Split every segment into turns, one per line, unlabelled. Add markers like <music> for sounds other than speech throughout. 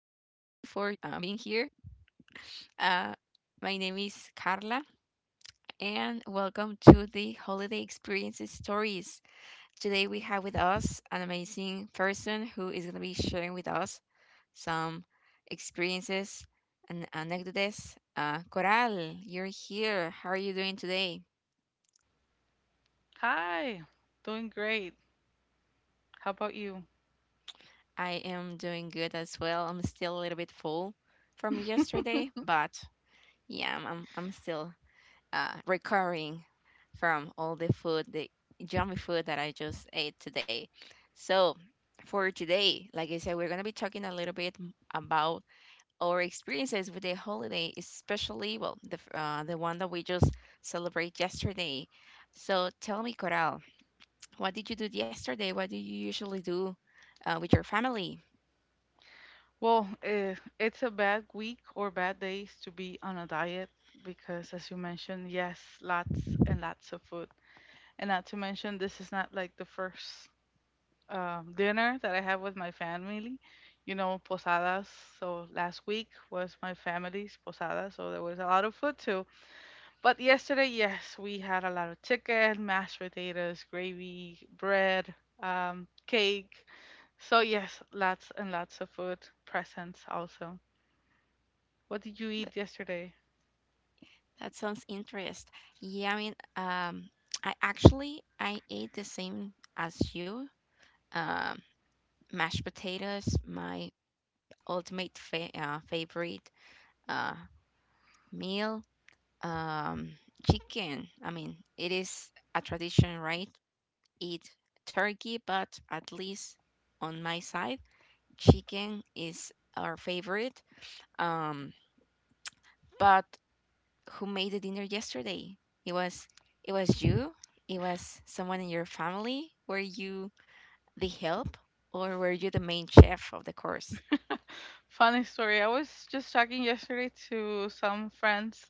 for being here. Uh, my name is Carla, and welcome to the Holiday Experiences Stories. Today, we have with us an amazing person who is going to be sharing with us some experiences and anecdotes. Coral, you're here. How are you doing today?
Hi, doing great. How about you?
I am doing good as well. I'm still a little bit full from yesterday, but yeah, I'm still recovering from all the food, the yummy food that I just ate today. So, for today, like I said, we're going to be talking a little bit about our experiences with the holiday, especially, well, the one that we just celebrate yesterday. So, tell me, Coral, what did you do yesterday? What do you usually do with your family?
Well, it's a bad week or bad days to be on a diet because, as you mentioned, yes, lots and lots of food. And not to mention, this is not like the first dinner that I have with my family. You know, posadas. So last week was my family's posada, so there was a lot of food too. But yesterday, yes, we had a lot of chicken, mashed potatoes, gravy, bread, cake. So yes, lots and lots of food presents also. What did you
Th-
eat yesterday?
That sounds interest. Yeah, I mean, I actually I ate the same as you. Um, mashed potatoes, my ultimate favorite uh, meal. Um, chicken, I mean, it is a tradition, right? Eat turkey, but at least on my side, chicken is our favorite. Um, but who made the dinner yesterday? It was it was you. It was someone in your family. Were you the help, or were you the main chef of the course?
<laughs> Funny story. I was just talking yesterday to some friends,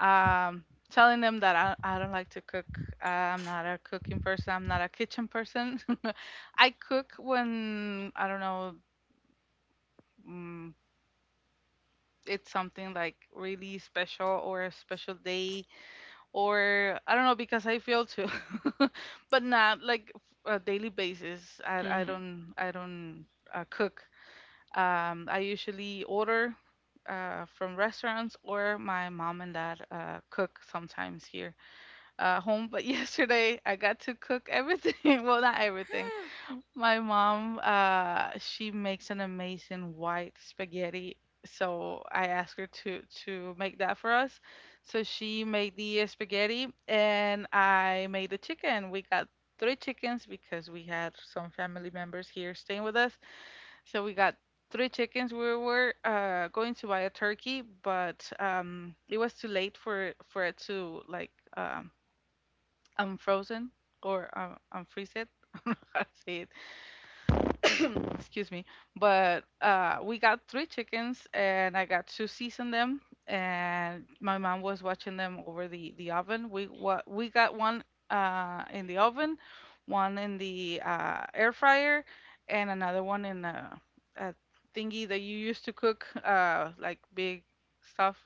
telling them that I don't like to cook. I'm not a cooking person. I'm not a kitchen person. <laughs> I cook when I don't know. mm it's something like really special or a special day or I don't know because I feel too, <laughs> but not like a daily basis. I I
Mm-hmm.
don't I don't cook. I usually order from restaurants or my mom and dad cook sometimes here home. But <laughs> yesterday I got to cook everything. <laughs> Well, not everything.
<gasps>
My mom, she makes an amazing white spaghetti. So I asked her to make that for us. So she made the spaghetti and I made the chicken. We got three chickens because we had some family members here staying with us. So we got three chickens. We were going to buy a turkey, but it was too late for it to like unfrozen or unfreeze it. <laughs> I don't know how to say it, excuse me. But we got three chickens, and I got to season them. And my mom was watching them over the oven. We what we got one in the oven, one in the air fryer, and another one in a thingy that you used to cook like big stuff,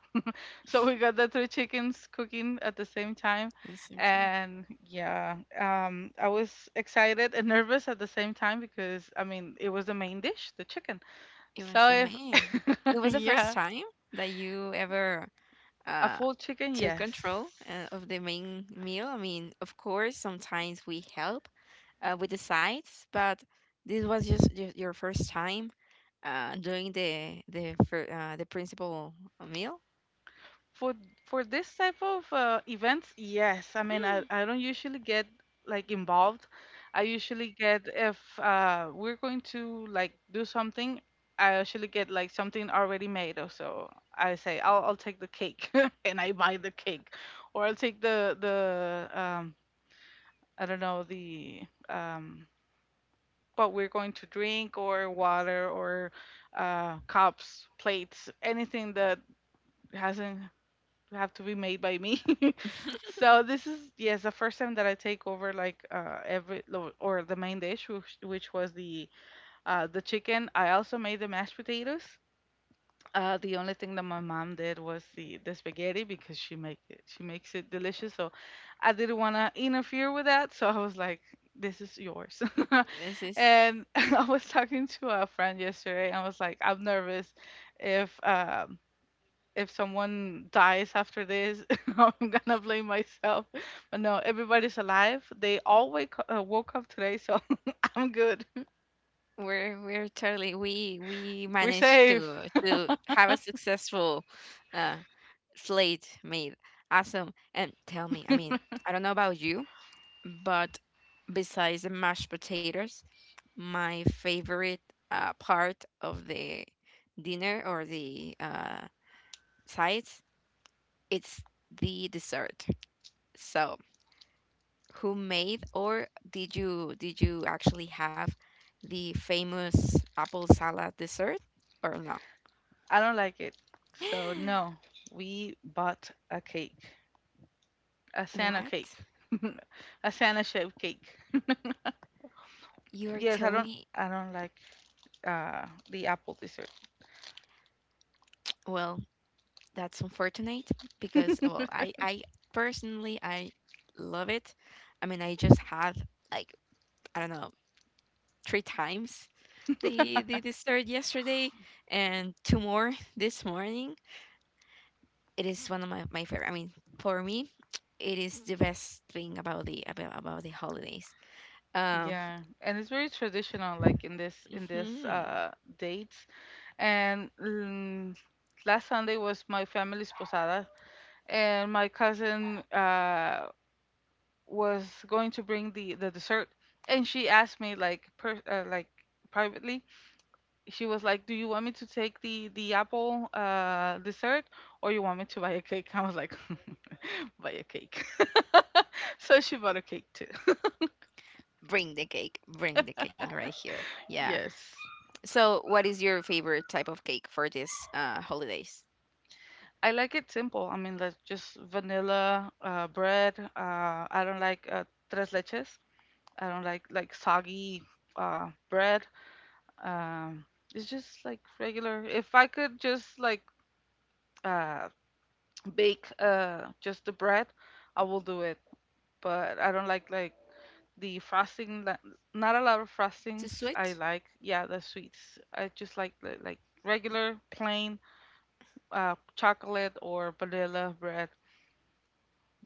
so we got the three chickens cooking at the same time.
At the same time.
And yeah, I was excited and nervous at the same time because, I mean, it was the main dish, the chicken.
It was
So
the main.
if,
It
<laughs>
was the first
yeah,
time that you ever
a
uh
full chicken,
took
yes.
control of the main meal. I mean, of course, sometimes we help with the sides, but this was just your first time doing the principal meal.
For for this type of events, yes. I mean, I,
Mm.
I don't usually get like involved. I usually get if we're going to like do something, I usually get like something already made or so. I say I'll take the cake <laughs> and I buy the cake, or I'll take the I don't know, the um, what we're going to drink or water or cups, plates, anything that hasn't have to be made by me. <laughs> So this is, yes, the first time that I take over like or the main dish, which was the chicken. I also made the mashed potatoes. The only thing that my mom did was the spaghetti because she makes it delicious. So I didn't want to interfere with that. So I was like, this is yours.
This
<laughs>
is
And <laughs> I was talking to a friend yesterday, and I was like, I'm nervous if um if someone dies after this, <laughs> I'm gonna blame myself. But no, everybody's alive. They all wake woke up today, so <laughs> I'm good.
We're totally we
We're
managed
safe.
to have a successful uh slate made. Awesome. And tell me, I mean, I don't know about you. But besides the mashed potatoes, my favorite part of the dinner or the sides, it's the dessert. So, who made, or did you actually have the famous apple salad dessert or no?
I don't like it. So
<gasps>
no, we bought a cake, a Santa cake,
What?
<laughs> a Santa shaped cake. <laughs>
You're
Yes,
telling me?
I don't like the apple dessert.
Well, that's unfortunate, because well, I
<laughs>
I personally I love it. I mean, I just had, like, I don't know, three times the dessert yesterday and two more <laughs> this morning. It is one of my, my favorite. I mean, for me, it is the best thing about the holidays. Um,
Yeah, and it's very traditional, like in this in this
mhm.
uh dates and last Sunday was my family's posada, and my cousin was going to bring the dessert, and she asked me like like privately. She was like, "Do you want me to take the apple dessert, or you want me to buy a cake?" I was like, <laughs> "Buy a cake." <laughs> So she bought a cake too. <laughs>
Bring the cake, bring the cake right here. Yeah.
Yes.
So, what is your favorite type of cake for this holidays?
I like it simple. I mean, like just vanilla bread. I don't like tres leches. I don't like soggy bread. Um it's just like regular. If I could just like uh bake just the bread, I will do it. But I don't like the frosting that not a lot of
Too
frostings
sweet?
I like. Yeah, the sweets. I just like like regular plain chocolate or vanilla bread.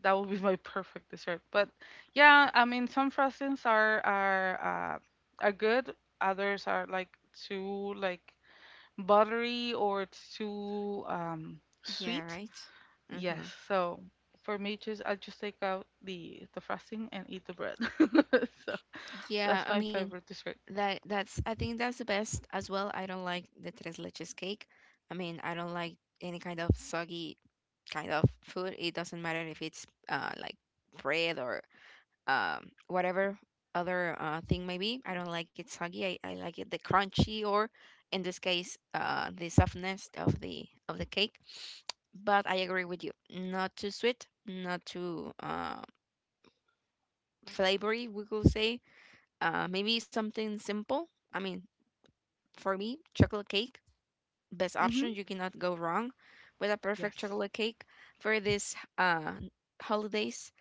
That would be my <laughs> perfect dessert. But yeah, I mean, some frostings are good. Others are like too like buttery or too
Yeah,
sweet.
right.
Yes.
Mm-hmm.
So for me, just I just take out the frosting and eat the bread. <laughs> So
Yeah,
that's
I
my
mean,
favorite dessert.
that's I think that's the best as well. I don't like the tres leches cake. I mean, I don't like any kind of soggy kind of food. It doesn't matter if it's like bread or whatever other thing maybe. I don't like it soggy. I like it the crunchy or in this case the softness of the cake. But I agree with you. Not too sweet, not too flavory, we could say. Maybe something simple. I mean, for me, chocolate cake, best option.
Mhm.
You cannot go wrong with a perfect
Yes.
chocolate cake for this holidays.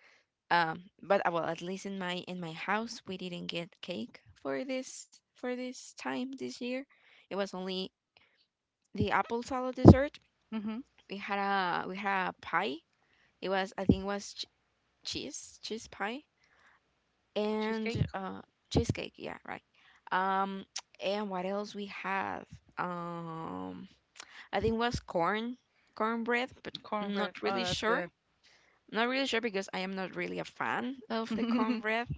But well, at least in my house, we didn't get cake for this time this year. It was only the apple salad dessert.
Mhm.
We had a pie. It was, I think it was, cheese pie,
Cheesecake,
and cheesecake, yeah, right. um <tsk> and what else we have? um I think was cornbread, but not
cornbread. Oh,
really
that's
sure
good.
not really sure because I am not really a fan of the
<laughs>
cornbread,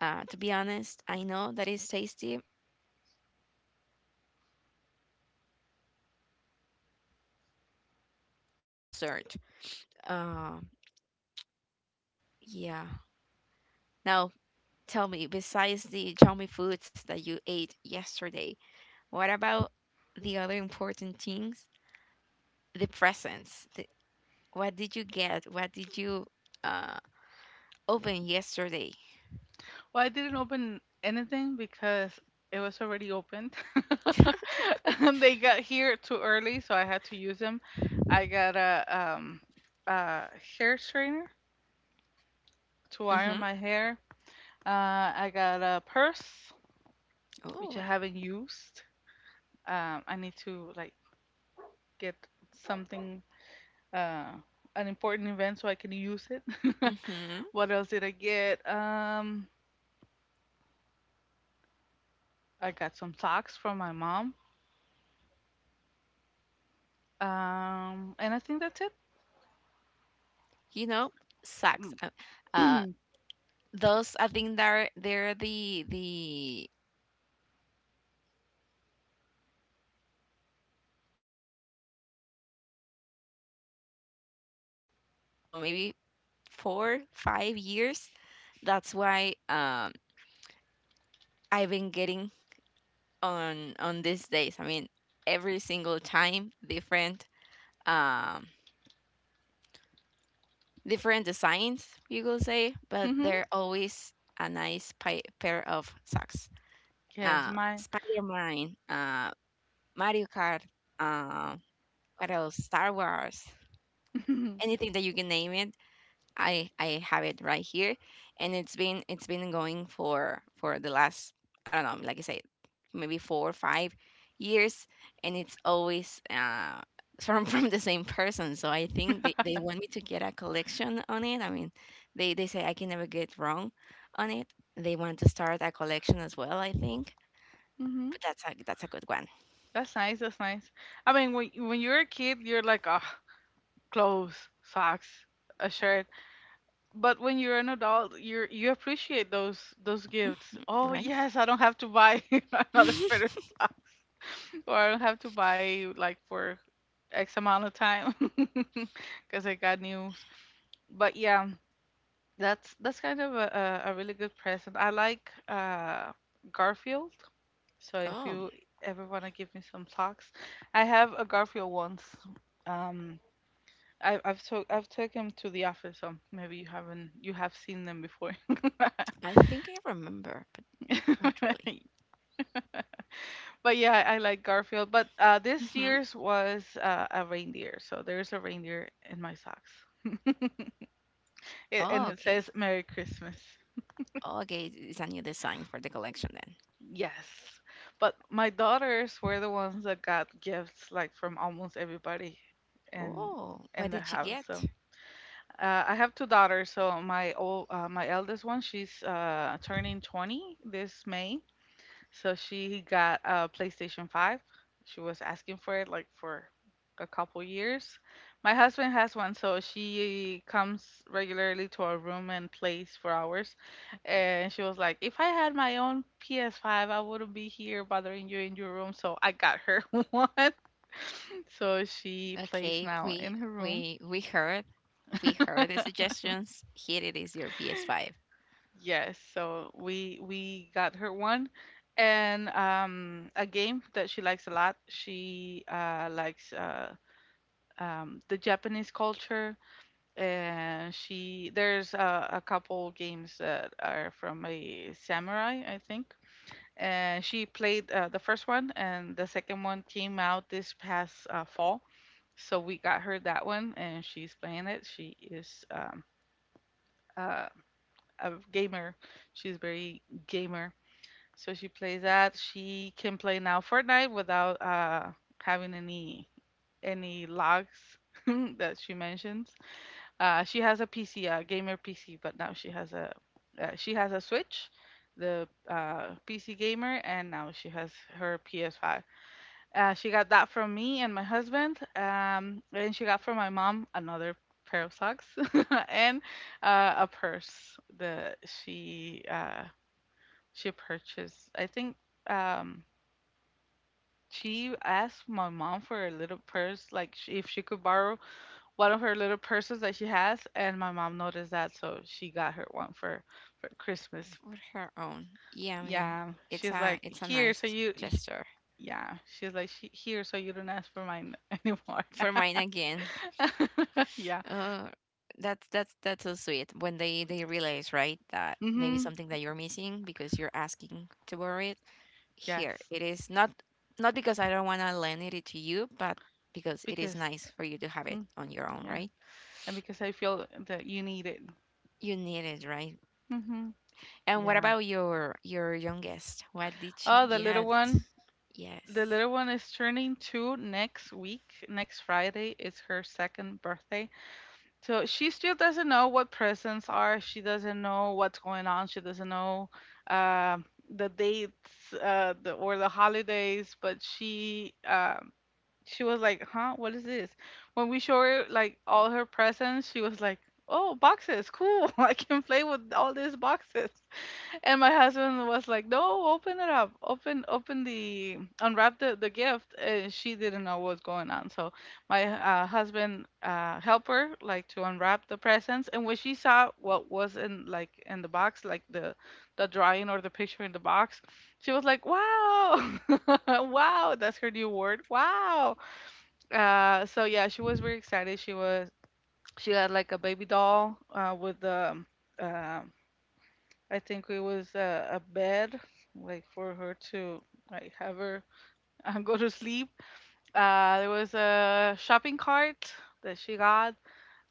to be honest. I know that it's tasty, not really a fan of it. But yeah, we had those, we had those three for dessert. um, yeah. Now, tell me, besides the Xiaomi foods that you ate yesterday, what about the other important things? The presents. What did you get? What did you uh, open yesterday? <laughs>
Well, I didn't open anything because it was already opened. <laughs> And they got here too early, so I had to use them. I got a hair straightener to iron
Mm-hmm.
my hair. I got a purse
Oh.
which I haven't used. I need to like get something, uh an important event so I can use it. <laughs>
Mm-hmm.
What else did I get? I got some socks from my mom. And I think that's it.
You know, socks. Uh,
<clears throat>
those I think they're they're the ultimate thing to buy as a present, because if I can remember, for the last, I don't know, maybe four five years, that's why I've been getting on these days. I mean, every single time different, um different designs, you could say, but
Mhm.
they're always a nice pair of socks.
Yes, mine.
Spider Man, Mario Kart, uh, what else? Star Wars,
<laughs> Mhm.
anything that you can name it. I have it right here, and it's been going for the last, I don't know, like I said, maybe 4 or 5 years, and it's always <laughs> from the same person. So I think they want me to get a collection on it. I mean, they say I can never get wrong on it. They want to start a collection as well, I think, but that's a, that's a good one,
That's nice. That's nice. I mean, when you're a kid, you're like, ah, clothes, socks, a shirt. But when you're an adult, you appreciate those gifts. Oh
right?
yes, I don't have to buy <laughs> another pair of
<laughs>
socks, <laughs> or I don't have to buy like for X amount of time <laughs> because I got news. But yeah, that's kind of a really good present. I like Garfield. So if
Oh,
you ever want to give me some socks, I have a Garfield once. Um, I've took him to the office, so maybe you haven't you have seen them before. <laughs>
I think I remember, but not really.
But yeah, I like Garfield. But this
Hmm.
year's was a reindeer, so there's a reindeer in my socks, <laughs> it, and
Oh,
it
okay.
says Merry Christmas.
Oh, okay, it's a new design for the collection then.
Yes, but my daughters were the ones that got gifts like from almost everybody, and
Oh, what
in the
did you
house.
get?
So. I have two daughters, so my eldest one, she's turning 20 this May. So she got a PlayStation 5. She was asking for it like for a couple years. My husband has one, so she comes regularly to our room and plays for hours. And she was like, "If I had my own PS5, I wouldn't be here bothering you in your room." So I got her <laughs> one. So she plays
Okay,
now in her room.
we we heard we heard the
<laughs>
suggestions. Here it is, your PS5.
Yes, so we got her one, and a game that she likes a lot. She likes the Japanese culture, and she there's a couple games that are from a samurai, I think. And she played the first one, and the second one came out this past fall. So we got her that one, and she's playing it. She is uh, a gamer. She's very gamer. So she plays that. She can play now Fortnite without having any logs <laughs> that she mentions. She has a PC, a gamer PC, but now she has a Switch, the PC gamer, and now she has her PS5. She got that from me and my husband, and she got from my mom another pair of socks <laughs> and a purse that she purchased, I think. Um, she asked my mom for a little purse, like if she could borrow one of her little purses that she has, and my mom noticed that, so she got her one for Christmas.
For her own. Yeah, I mean,
Yeah,
it's
she's
a
like,
it's a
here, so
nice gesture.
yeah, she's like, she, here, so you don't ask for mine <laughs> anymore.
For mine again.
<laughs> Yeah.
Uh, that's that's so sweet when they realize, right, that maybe
Mm-hmm.
something that you're missing, because you're asking to borrow it. Here,
Yes,
it is not, not because I don't want to lend it to you, but because it is
because
nice for you to have it
mm,
on your own,
yeah,
right?
and because I feel that you need it.
You need it, right?
Mm-hmm.
And what
Yeah.
about your youngest? What did she
Oh, the little
get?
one. The
Yes.
little one is turning two next week. Next Friday is her second birthday. So she still doesn't know what presents are. She doesn't know what's going on. She doesn't know uh, the dates or the holidays. But she was like, "Huh? What is this?" When we show her like all her presents, she was like, "Oh, boxes! Cool! <laughs> I can play with all these boxes." And my husband was like, "No, open it up. Open the unwrap the gift." And she didn't know what was going on, so my husband helped her like to unwrap the presents. And when she saw what was in like in the box, like the drawing or the picture in the box, she was like, "Wow, <laughs> wow!" That's her new word, "wow." So yeah, she was very excited. She had like a baby doll with the uh, I think it was a bed, like for her to like have her <laughs> go to sleep. There was a shopping cart that she got.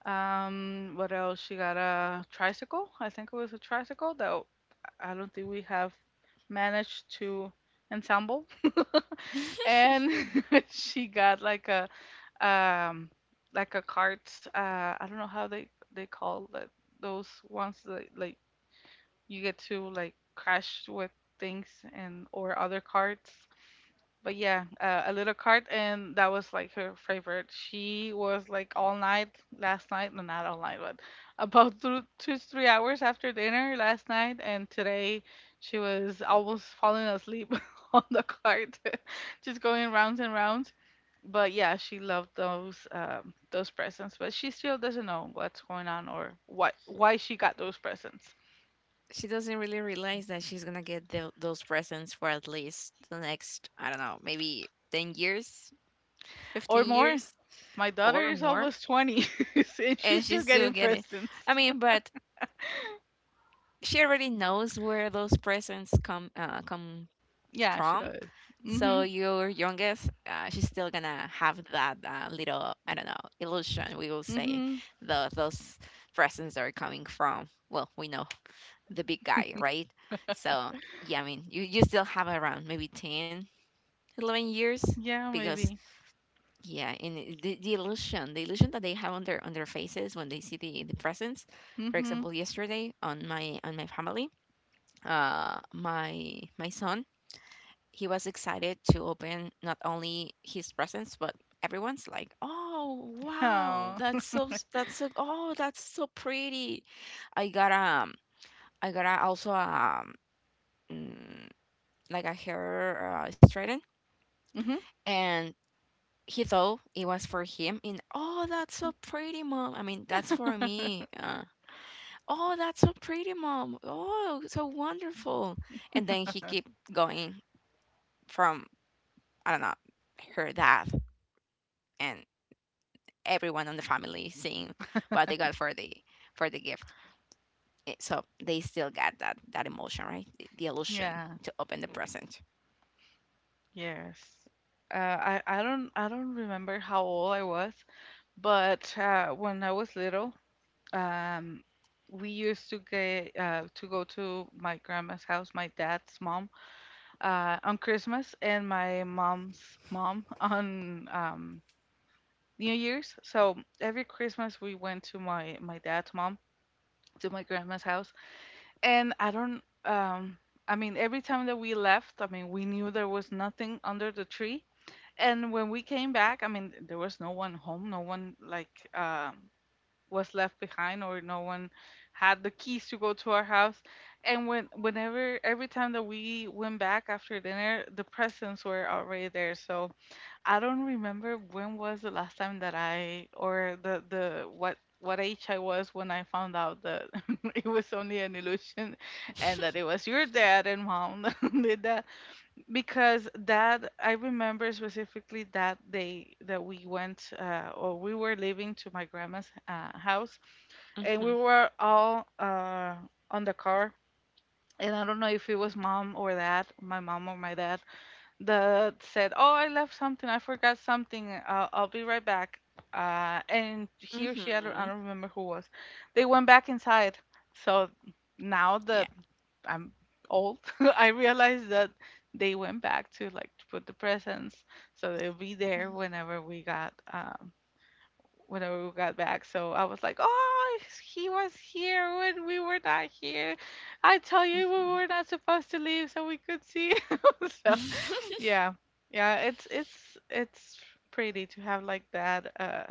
What else? She got a tricycle. I think it was a tricycle that I don't think we have managed to ensemble. <laughs>
<laughs>
And <laughs> she got um like a cart. I don't know how they call that, those ones that like you get to like crash with things and or other cards. But yeah, a little card, and that was like her favorite. She was like all night last night, no, not all night, but <laughs> about 2 to 3 hours after dinner last night, and today she was almost falling asleep <laughs> on the cart, <laughs> just going rounds and rounds. But yeah, she loved those presents, but she still doesn't know what's going on or what why she got those presents
She doesn't really realize that she's gonna get those presents for at least the next, I don't know, maybe 10 years,
or
15
more.
years.
My daughter
Or
is
more,
almost 20 <laughs> and
and
she's
she
still
still
getting
get it.
presents.
I mean, but she already knows where those presents come come
Yeah, she
from.
does.
So
Mhm.
your youngest, she's still gonna have that little, I don't know, illusion, we will say,
Mhm.
the those presents are coming from. Well, we know the big guy, right? So yeah, I mean, you still have around maybe 10, 11 years,
Yeah,
because
maybe.
yeah. And the illusion that they have on their faces when they see the presents. For
Mhm.
example, yesterday on my family, my son, he was excited to open not only his presents but everyone's like, oh, wow,
Oh. <laughs>
that's so that's so, oh, that's so pretty. I got, I got a, also, mm, like a hair straighten.
Mhm.
And he thought it was for him, and oh, that's so pretty, mom. I mean, that's for me. Oh, that's so pretty, mom. Oh, so wonderful. And then he kept going, from, I don't know, her dad, and everyone on the family seeing what they got for the gift. So they still got that emotion, right? The illusion
Yeah.
to open the present.
Yes. I don't remember how old I was, but when I was little, um, we used to get to go to my grandma's house, my dad's mom, on Christmas, and my mom's mom on New Year's. So every Christmas we went to my dad's mom to my grandma's house, and I don't. I mean, every time that we left, I mean, we knew there was nothing under the tree. And when we came back, I mean, there was no one home. No one like was left behind, or no one had the keys to go to our house. And whenever every time that we went back after dinner, the presents were already there. So I don't remember when was the last time that I or the what age I was when I found out that <laughs> it was only an illusion, and that it was your dad and mom <laughs> that did that, because that I remember specifically that day that we went or we were leaving to my grandma's house, and we
Mm-hmm.
were all on the car, and I don't know if it was mom or dad, my mom or my dad, that said, "Oh, I left something. I forgot something. I'll be right back." And
Mm-hmm.
he or she, I don't remember who was. They went back inside. So
Yeah.
now that I'm old, <laughs> I realize that they went back to like to put the presents, so they'll be there whenever we got back. So I was like, "Oh, he was here when we were not here. I tell you, we were not supposed to leave so we could see." <laughs> So
Mm-hmm.
yeah. Yeah, it's pretty to have like that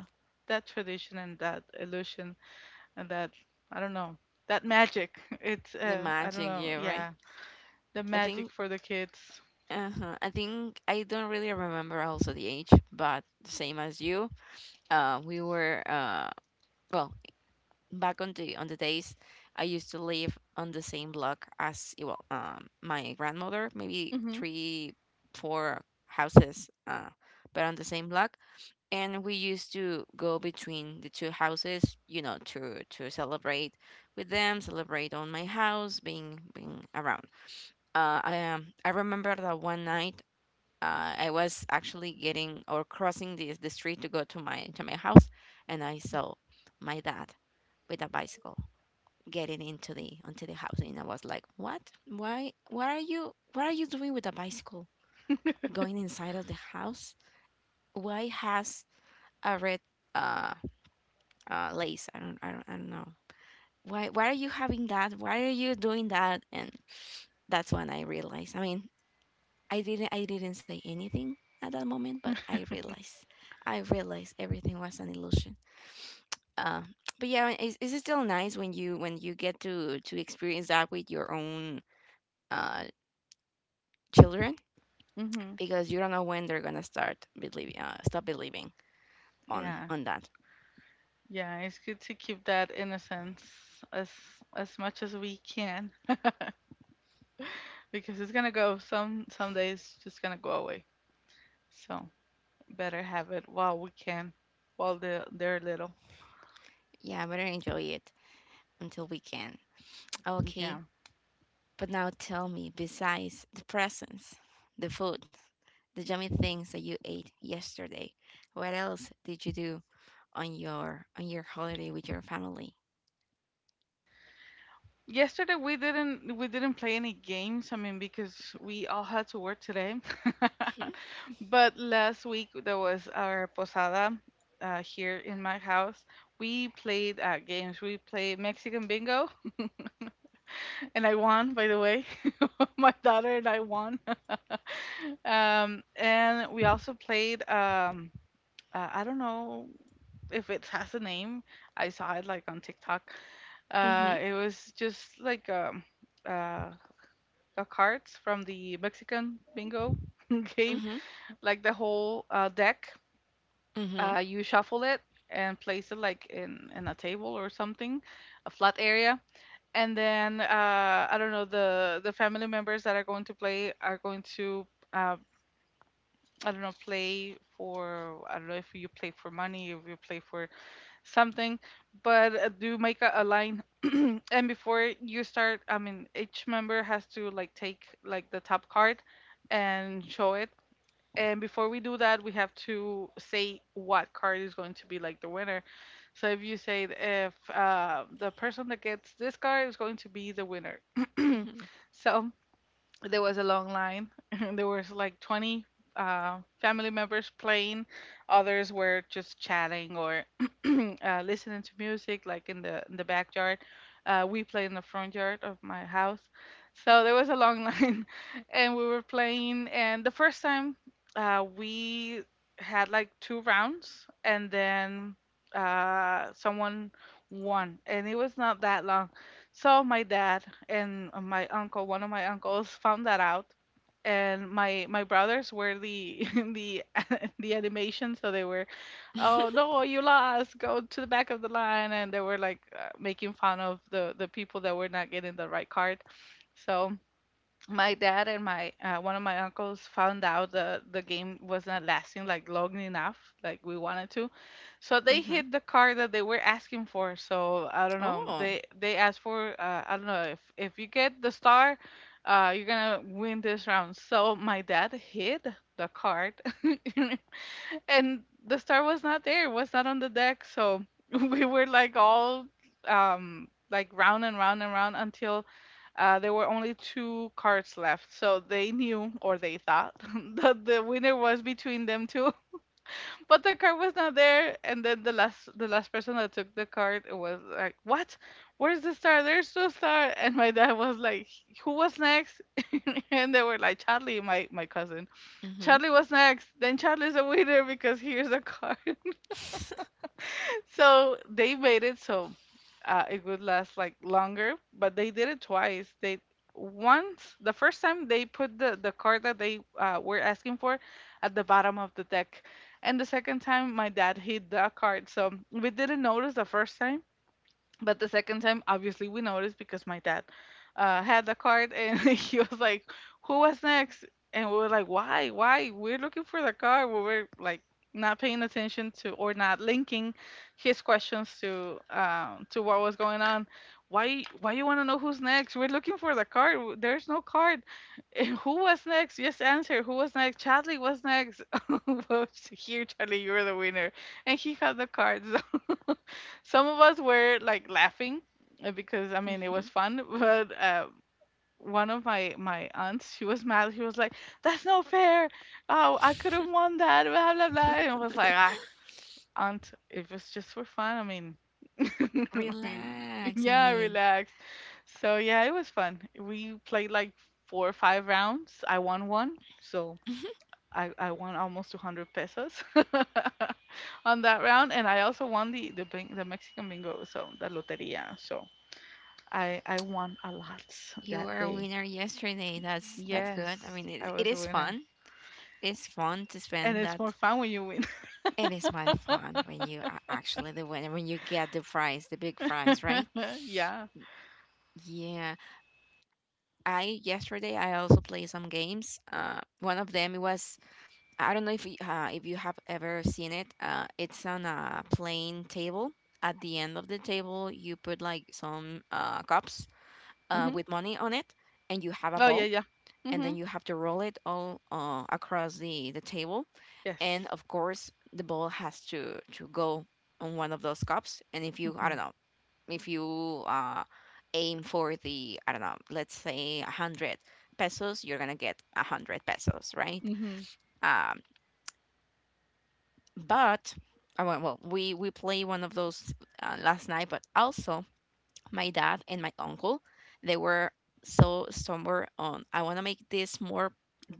that tradition and that illusion and that, I don't know, that magic. <laughs> It's
<laughs> The
I
magic,
don't
yeah,
know.
right?
Yeah. The
I think.
magic for the kids.
Uh-huh. I think I don't really remember also the age, but same as you. We were, well, back on the days I used to live on the same block as, my grandmother, maybe
Mhm.
three, four houses, but on the same block, and we used to go between the two houses, to celebrate with them, celebrate on my house, being around. I remember that one night, I was actually getting, or crossing, the street to go to my house, and I saw my dad with a bicycle getting into the onto the house, and I was like, "What? Why? What are you? What are you doing with a bicycle going inside of the house? Why has a red, uh, lace? I don't, I don't know." Why, are you having that? Why are you doing that? And that's when I realized. I mean, I didn't say anything at that moment, but I realized everything was an illusion. Uh, but yeah, it's still nice when you get to experience that with your own, uh, children,
Mhm. <laughs>
because you don't know when they're gonna start believing, stop believing on
Yeah.
on that.
Yeah, it's good to keep that innocence as as much as we can because it's gonna go, some days just gonna go away. So better have it while we can, while they're little.
Yeah, better enjoy it until we can.
Yeah.
Okay, but now tell me, besides the presents, the food, the yummy things that you ate yesterday, what else did you do on your holiday with your family?
Yesterday we didn't play any games. I mean, because we all had to work today. <laughs>
Mhm.
But last week there was our posada here in my house. We played games. We played Mexican bingo, <laughs> and I won, by the way. <laughs> My daughter and I won. <laughs> And we also played. I don't know if it has a name. I saw it like on TikTok.
Mhm.
It was just like, uh, cards from the Mexican bingo <laughs> game,
Mhm.
like the whole deck.
Mhm.
You shuffle it and place it like in a table or something, a flat area. And then, I don't know, the family members that are going to play are going to, uh, I don't know, play for, I don't know, if you play for money, if you play for something, but do make a line. <clears throat> And before you start, I mean, each member has to like take like the top card and show it. And before we do that, we have to say what card is going to be like the winner. So if you say if the person that gets this card is going to be the winner.
Mhm.
So there was a long line. <laughs> There was like 20 family members playing. Others were just chatting or <clears throat> listening to music, like in the backyard. We play in the front yard of my house, so there was a long <laughs> line, and we were playing. And the first time, we had like two rounds, and then someone won, and it was not that. So my dad and, my uncle, one of my uncles, found that out, and my brothers were the <laughs> the the animation, so they were, "Oh
<laughs>
no, you lost, go to the back of the line," and they were like making fun of the people that were not getting the right card. So my dad and my one of my uncles found out the game was not lasting like long enough like we wanted to, so they
Mhm.
hit the car that they were asking for. So I don't know,
Oh.
they asked for, I don't know, if you get the star you're gonna win this round. So my dad hid the card <laughs> and the star was not there, was not on the deck. So <laughs> we were like all like round and round and round, until there were only two cards left. So they knew or they thought <laughs> that the winner was between them two, <laughs> but the card was not there. And then the last person that took the card was like, "What? Where's the star? There's no star." And my dad was like, "Who was next?" <laughs> And they were like, "Charlie, my cousin."
Mhm.
Charlie was next. Then Charlie's a winner because here's a card. <laughs>
<laughs>
So they made it so it would last like longer, but they did it twice. They Once, the first time they put the card that they were asking for at the bottom of the deck, and the second time my dad hid the card, so we didn't notice the first time. But the second time, obviously, we noticed because my dad had the card, and <laughs> he was like, "Who was next?" And we were like, "Why? Why? We're looking for the card." We were like not paying attention to, or not linking his questions to what was going on. "Why? Why you want to know who's next? We're looking for the card. There's no card." <laughs> "And who was next? Just answer. Who was next?" "Chadley was next." <laughs> "Well, here, Charlie, you're the winner." And he had the cards. <laughs> Some of us were like laughing because I mean it was
Mhm.
fun, <laughs> but one of my aunts, she was mad. She was like, "That's not fair! Oh, I could have won that!" Blah blah blah. And I was like, "Ah,
<laughs>
aunt, it was just for fun. I mean, <laughs> I mean,
Relax. I
yeah,
mean.
relax." So yeah, it was fun. We played like four or five rounds. I won one, so
Mhm.
I won almost 200 pesos <laughs> on that round, and I also won the Mexican bingo, so the loteria. So I won a lot
You
that
were a
day.
winner yesterday. That's good. I
Yes,
mean,
I
it
was a
is
winner,
fun. It's fun to
and
spend that.
it's more fun when you win.
It is my fun when you are actually the winner when you get the prize, the big prize, right?
<laughs> Yeah.
Yeah. I yesterday I also played some games. One of them it was I don't know if you have ever seen it. It's on a plain table. At the end of the table, you put like some cups
Hmm.
with money on it, and you have a
Oh yeah,
ball,
yeah.
and
Hmm.
then you have to roll it all across the table. And
Yes.
of course, the ball has to go on one of those cups. And if you, I
Hmm.
don't know, if you aim for the, I don't know, let's say 100 pesos, you're gonna get 100 pesos, right?
Hmm.
Um, but I went, well, we play one of those last night, but also my dad and my uncle, they were so somewhere on. I want to make this more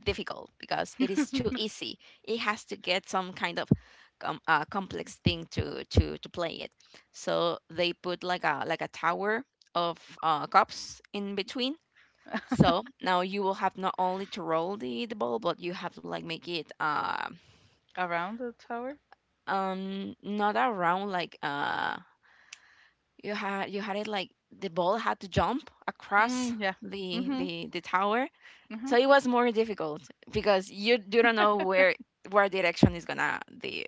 difficult because it is too easy. It has to get some kind of complex thing to play it. So they put like a tower of cups in between. So now you will have not only to roll the ball, but you have to like make it
<laughs> Around the tower.
not around like you had it like the ball had to jump
Mm,
across
yeah.
the
Hmm.
the the tower.
Hmm.
So it was more difficult because you don't know where direction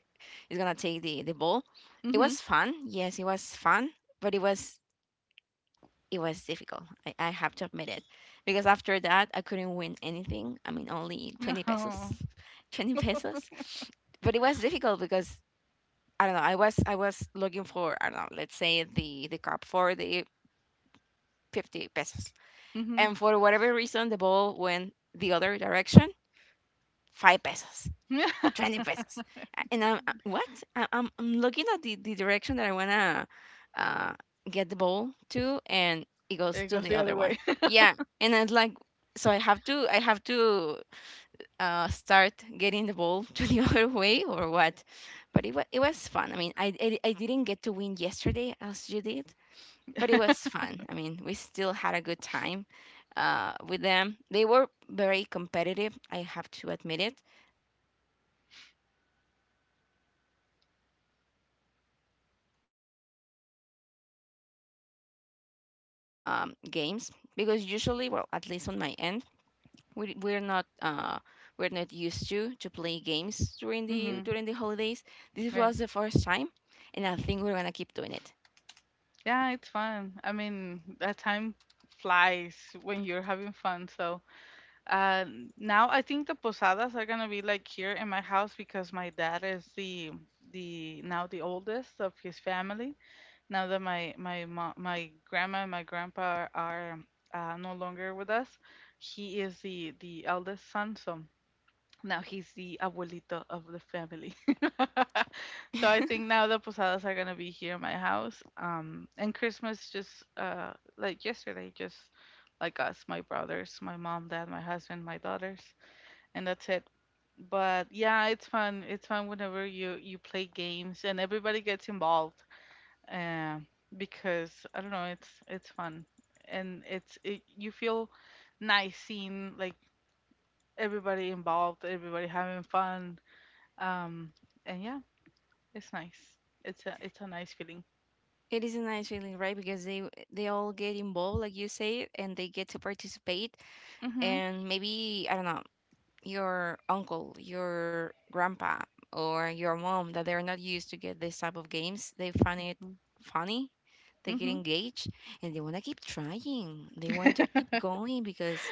is gonna take the ball. It
Hmm.
was fun, yes, it was fun, but it was difficult. I have to admit it because after that I couldn't win anything. I mean, only 20 pesos,
No.
<laughs> 20 pesos. But it was difficult because I don't know. I was looking for I don't know. Let's say the cup for the 50 pesos,
Hmm.
and for whatever reason the ball went the other direction. Five pesos,
<laughs>
20 pesos, and I'm what? I'm looking at the direction that I wanna uh, get the ball to, and it goes
It
to
goes
the
the
other
other
one.
way. <laughs>
Yeah, and it's like, so I have to start getting the ball <laughs> to the other way or what. But it was fun. I mean, I didn't get to win yesterday as you did, but it was fun. I mean, we still had a good time with them. They were very competitive. I have to admit it. My family, my whole family, it is very competitive, but it was fun. Still, it was nice to spend those type of games because usually, well, at least on my end, we, we're not uh, we're not used to play games during the
Mhm.
during the holidays. This
Right.
was the first time, and I think we're gonna keep doing it.
Yeah, it's fun. I mean, that time flies when you're having fun. So, uh, now I think the posadas are gonna be like here in my house, because my dad is the now the oldest of his family. Now that my grandma and my grandpa are no longer with us, he is the eldest son. So now he's the abuelito of the family. <laughs> So I think now the posadas are gonna be here in my house. And Christmas, just, uh like yesterday, just like us, my brothers, my mom, dad, my husband, my daughters, and that's it. But yeah, it's fun. It's fun whenever you play games and everybody gets involved. Uh, because I don't know, it's fun, and you feel nice seeing like everybody involved, everybody having fun, um, and yeah, it's nice. It's a nice feeling.
<laughs> It is a nice feeling, right? Because they all get involved, like you say, and they get to participate.
Mhm.
And maybe, I don't know, your uncle, your grandpa, or your mom, that they're not used to get this type of games, they find it funny, they get
Mhm.
engaged, and they want to keep trying, they want to keep
<laughs>
going because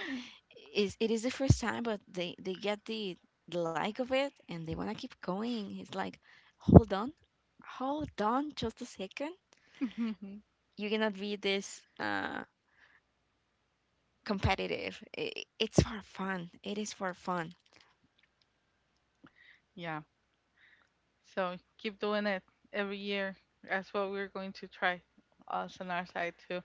is it is the first time, but they get the like of it, and they want to keep going. It's like, hold on, hold on, just a second.
Mhm.
You cannot be this competitive. I It's for fun, it is for fun.
Yeah. So keep doing it every year. That's what we're going to try, us on our side too.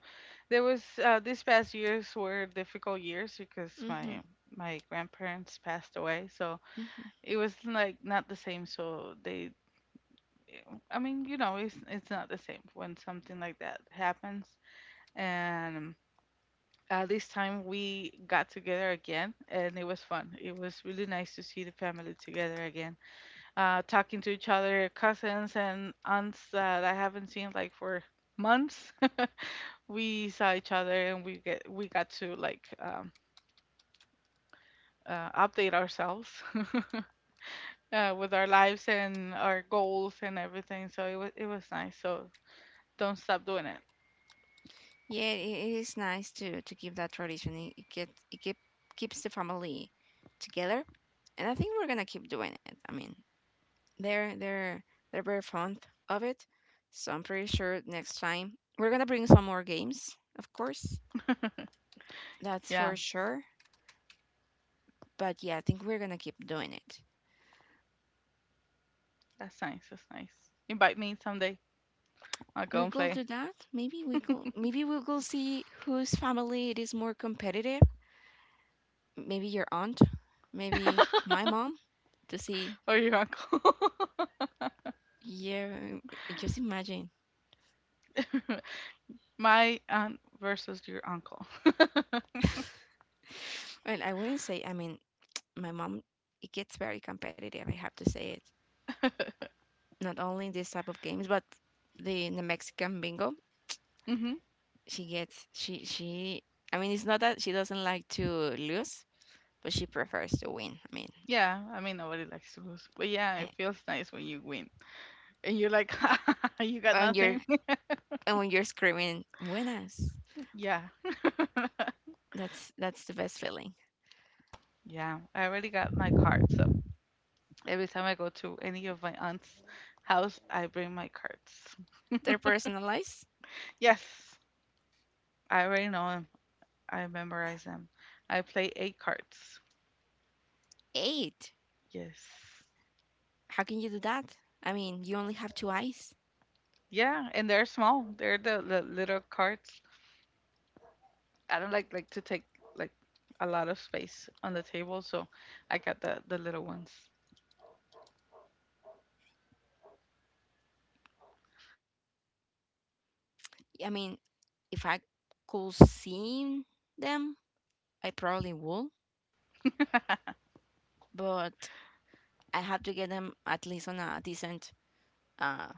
There was These past years were difficult years because
Hmm.
my grandparents passed away, so
Hmm.
it was like not the same. So I mean, you know, it's not the same when something like that happens.
Hmm.
And this time we got together again, and it was fun. It was really nice to see the family together again, talking to each other, cousins and aunts that I haven't seen like for months. <laughs> We saw each other and we got to like, update ourselves, <laughs> with our lives and our goals and everything, so it was nice. So don't stop doing it.
Yeah, it is nice to keep that tradition. It keeps the family together, and I think we're gonna keep doing it. I mean, they're they're they're very fond of it. So I'm pretty sure next time we're gonna bring some more games, of course. That's
Yeah,
for sure. But yeah, I think we're gonna keep doing it.
that's nice, that's nice. Invite me someday, I'll go
We
and
could
play.
do that. Maybe we could see whose family it is more competitive. Maybe your aunt, maybe my mom, to see.
Or your uncle.
Yeah, just imagine.
<laughs> My aunt versus your uncle.
Well, I wouldn't say. I mean, my mom, it gets very competitive, I have to say it. Not only this type of games, but the Mexican bingo.
<laughs> Hmm.
She gets she. I mean, it's not that she doesn't like to lose, but she prefers to win. I mean,
Yeah, I mean, nobody likes to lose, but yeah,
eh,
it feels nice when you win and you're like, <laughs> you got
when you're
nothing. <laughs>
when you're screaming "buenas,"
Yeah, <laughs>
that's the best feeling.
yeah. I already got my card, so every time I go to any of my aunt's house, I bring my cards.
They're personalized.
Yes, I already know them. I memorize them. I play eight cards.
Eight.
Yes.
How can you do that? I mean, you only have two eyes.
Yeah, and they're small. They're the little cards, I don't like to take like a lot of space on the table, so I got the little ones.
I mean, if I could see them, I probably would, but I have to get them at least on a decent uh,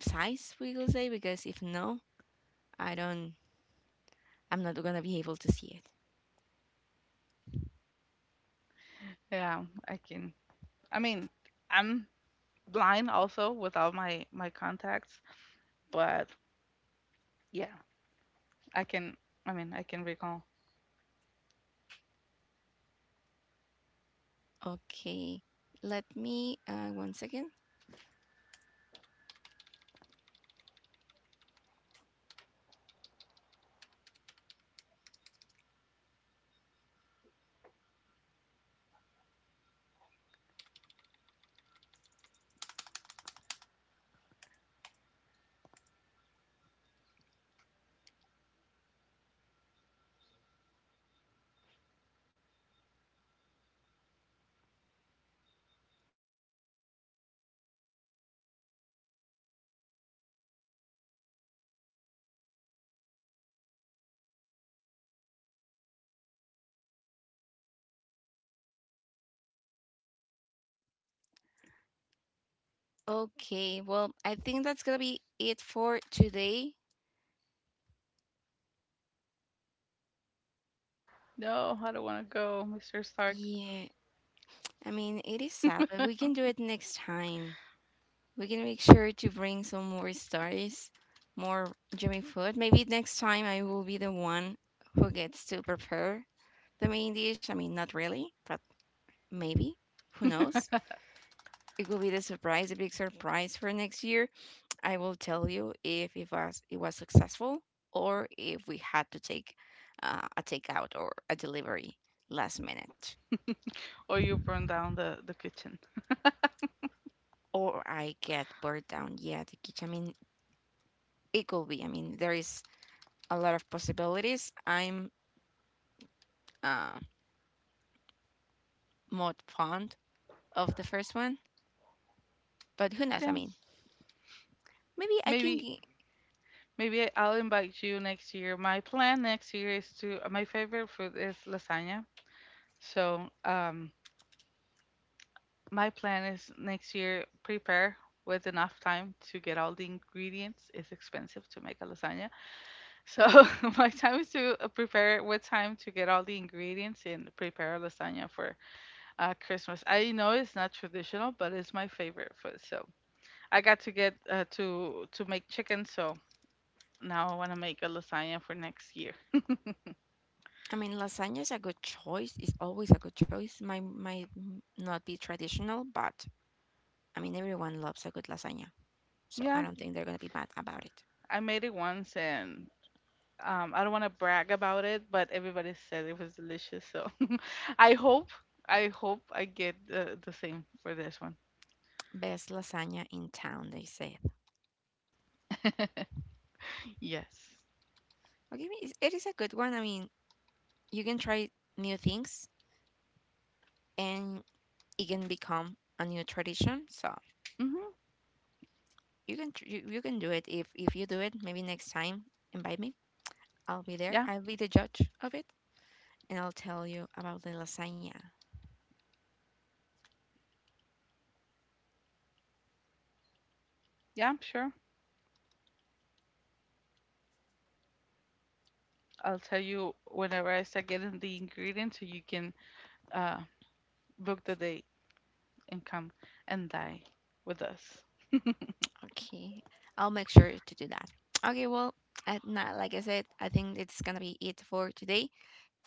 size, we will say, because if no, i don't I'm not gonna be able to see it.
Yeah, I can. I mean, I'm blind also without my contacts, but yeah, I can. I mean, I can recall.
Okay, let me, one second. Okay, well, I think that's gonna be it for today.
No, I don't want to go, Mr. Stark.
Yeah, I mean, it is sad, but we can do it next time. We can make sure to bring some more stories, more yummy food. Maybe next time I will be the one who gets to prepare the main dish. I mean, not really, but maybe, who knows, it will be the surprise, a big surprise for next year. I will tell you if it was successful, or if we had to take a takeout or a delivery last minute,
Or you burn down the kitchen.
or I get burnt down. Yeah, the kitchen. I mean, it could be. I mean, there is a lot of possibilities. I'm uh, more fond of the first one, but who knows? I
Yeah,
mean, maybe I can.
maybe maybe I'll invite you next year. My plan next year is to. My favorite food is lasagna, so, my plan is next year prepare with enough time to get all the ingredients. It's expensive to make a lasagna. So <laughs> my time is to prepare with time to get all the ingredients and prepare a lasagna for, Christmas. I know it's not traditional, but it's my favorite food. So I got to get, to make chicken, so now I want to make a lasagna for next year.
I mean, lasagna is a good choice. It's always a good choice. Might not be traditional, but I mean, everyone loves a good lasagna, so
Yeah,
I don't think they're gonna be mad about it.
I made it once and, I don't want to brag about it, but everybody said it was delicious. So <laughs> I hope, I hope I get the same for this one.
Best lasagna in town, they said.
Yes.
Okay, it is a good one. I mean, you can try new things, and it can become a new tradition. So
Mm-hmm.
you can do it if you do it. Maybe next time invite me. I'll be there.
Yeah.
I'll be the judge of it, and I'll tell you about the lasagna.
Yeah, sure. I'll tell you whenever I start getting the ingredients so you can, uh, book the date and come and dine with us.
Okay, I'll make sure to do that. Okay, well, at not, like I said, I think it's gonna be it for today.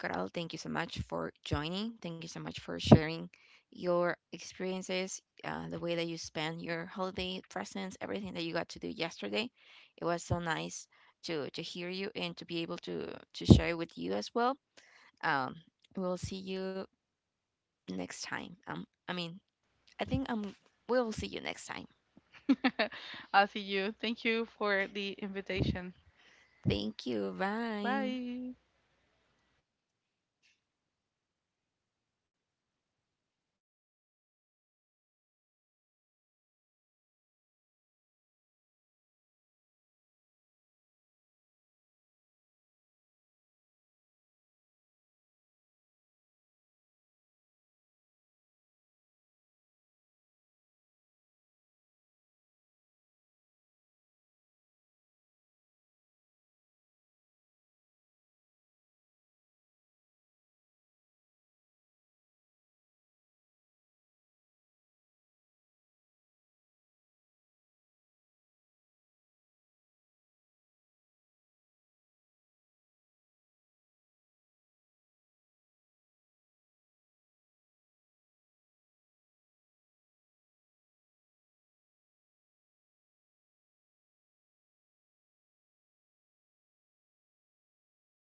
Coral, thank you so much for joining. Thank you so much for sharing your experiences, the way that you spent your holiday presents, everything that you got to do yesterday. It was so nice to hear you and to be able to share with you as well. Um, we'll see you next time. I mean, I think we'll see you next time.
<laughs> I'll see you. Thank you for the invitation.
Thank you. Bye.
Bye.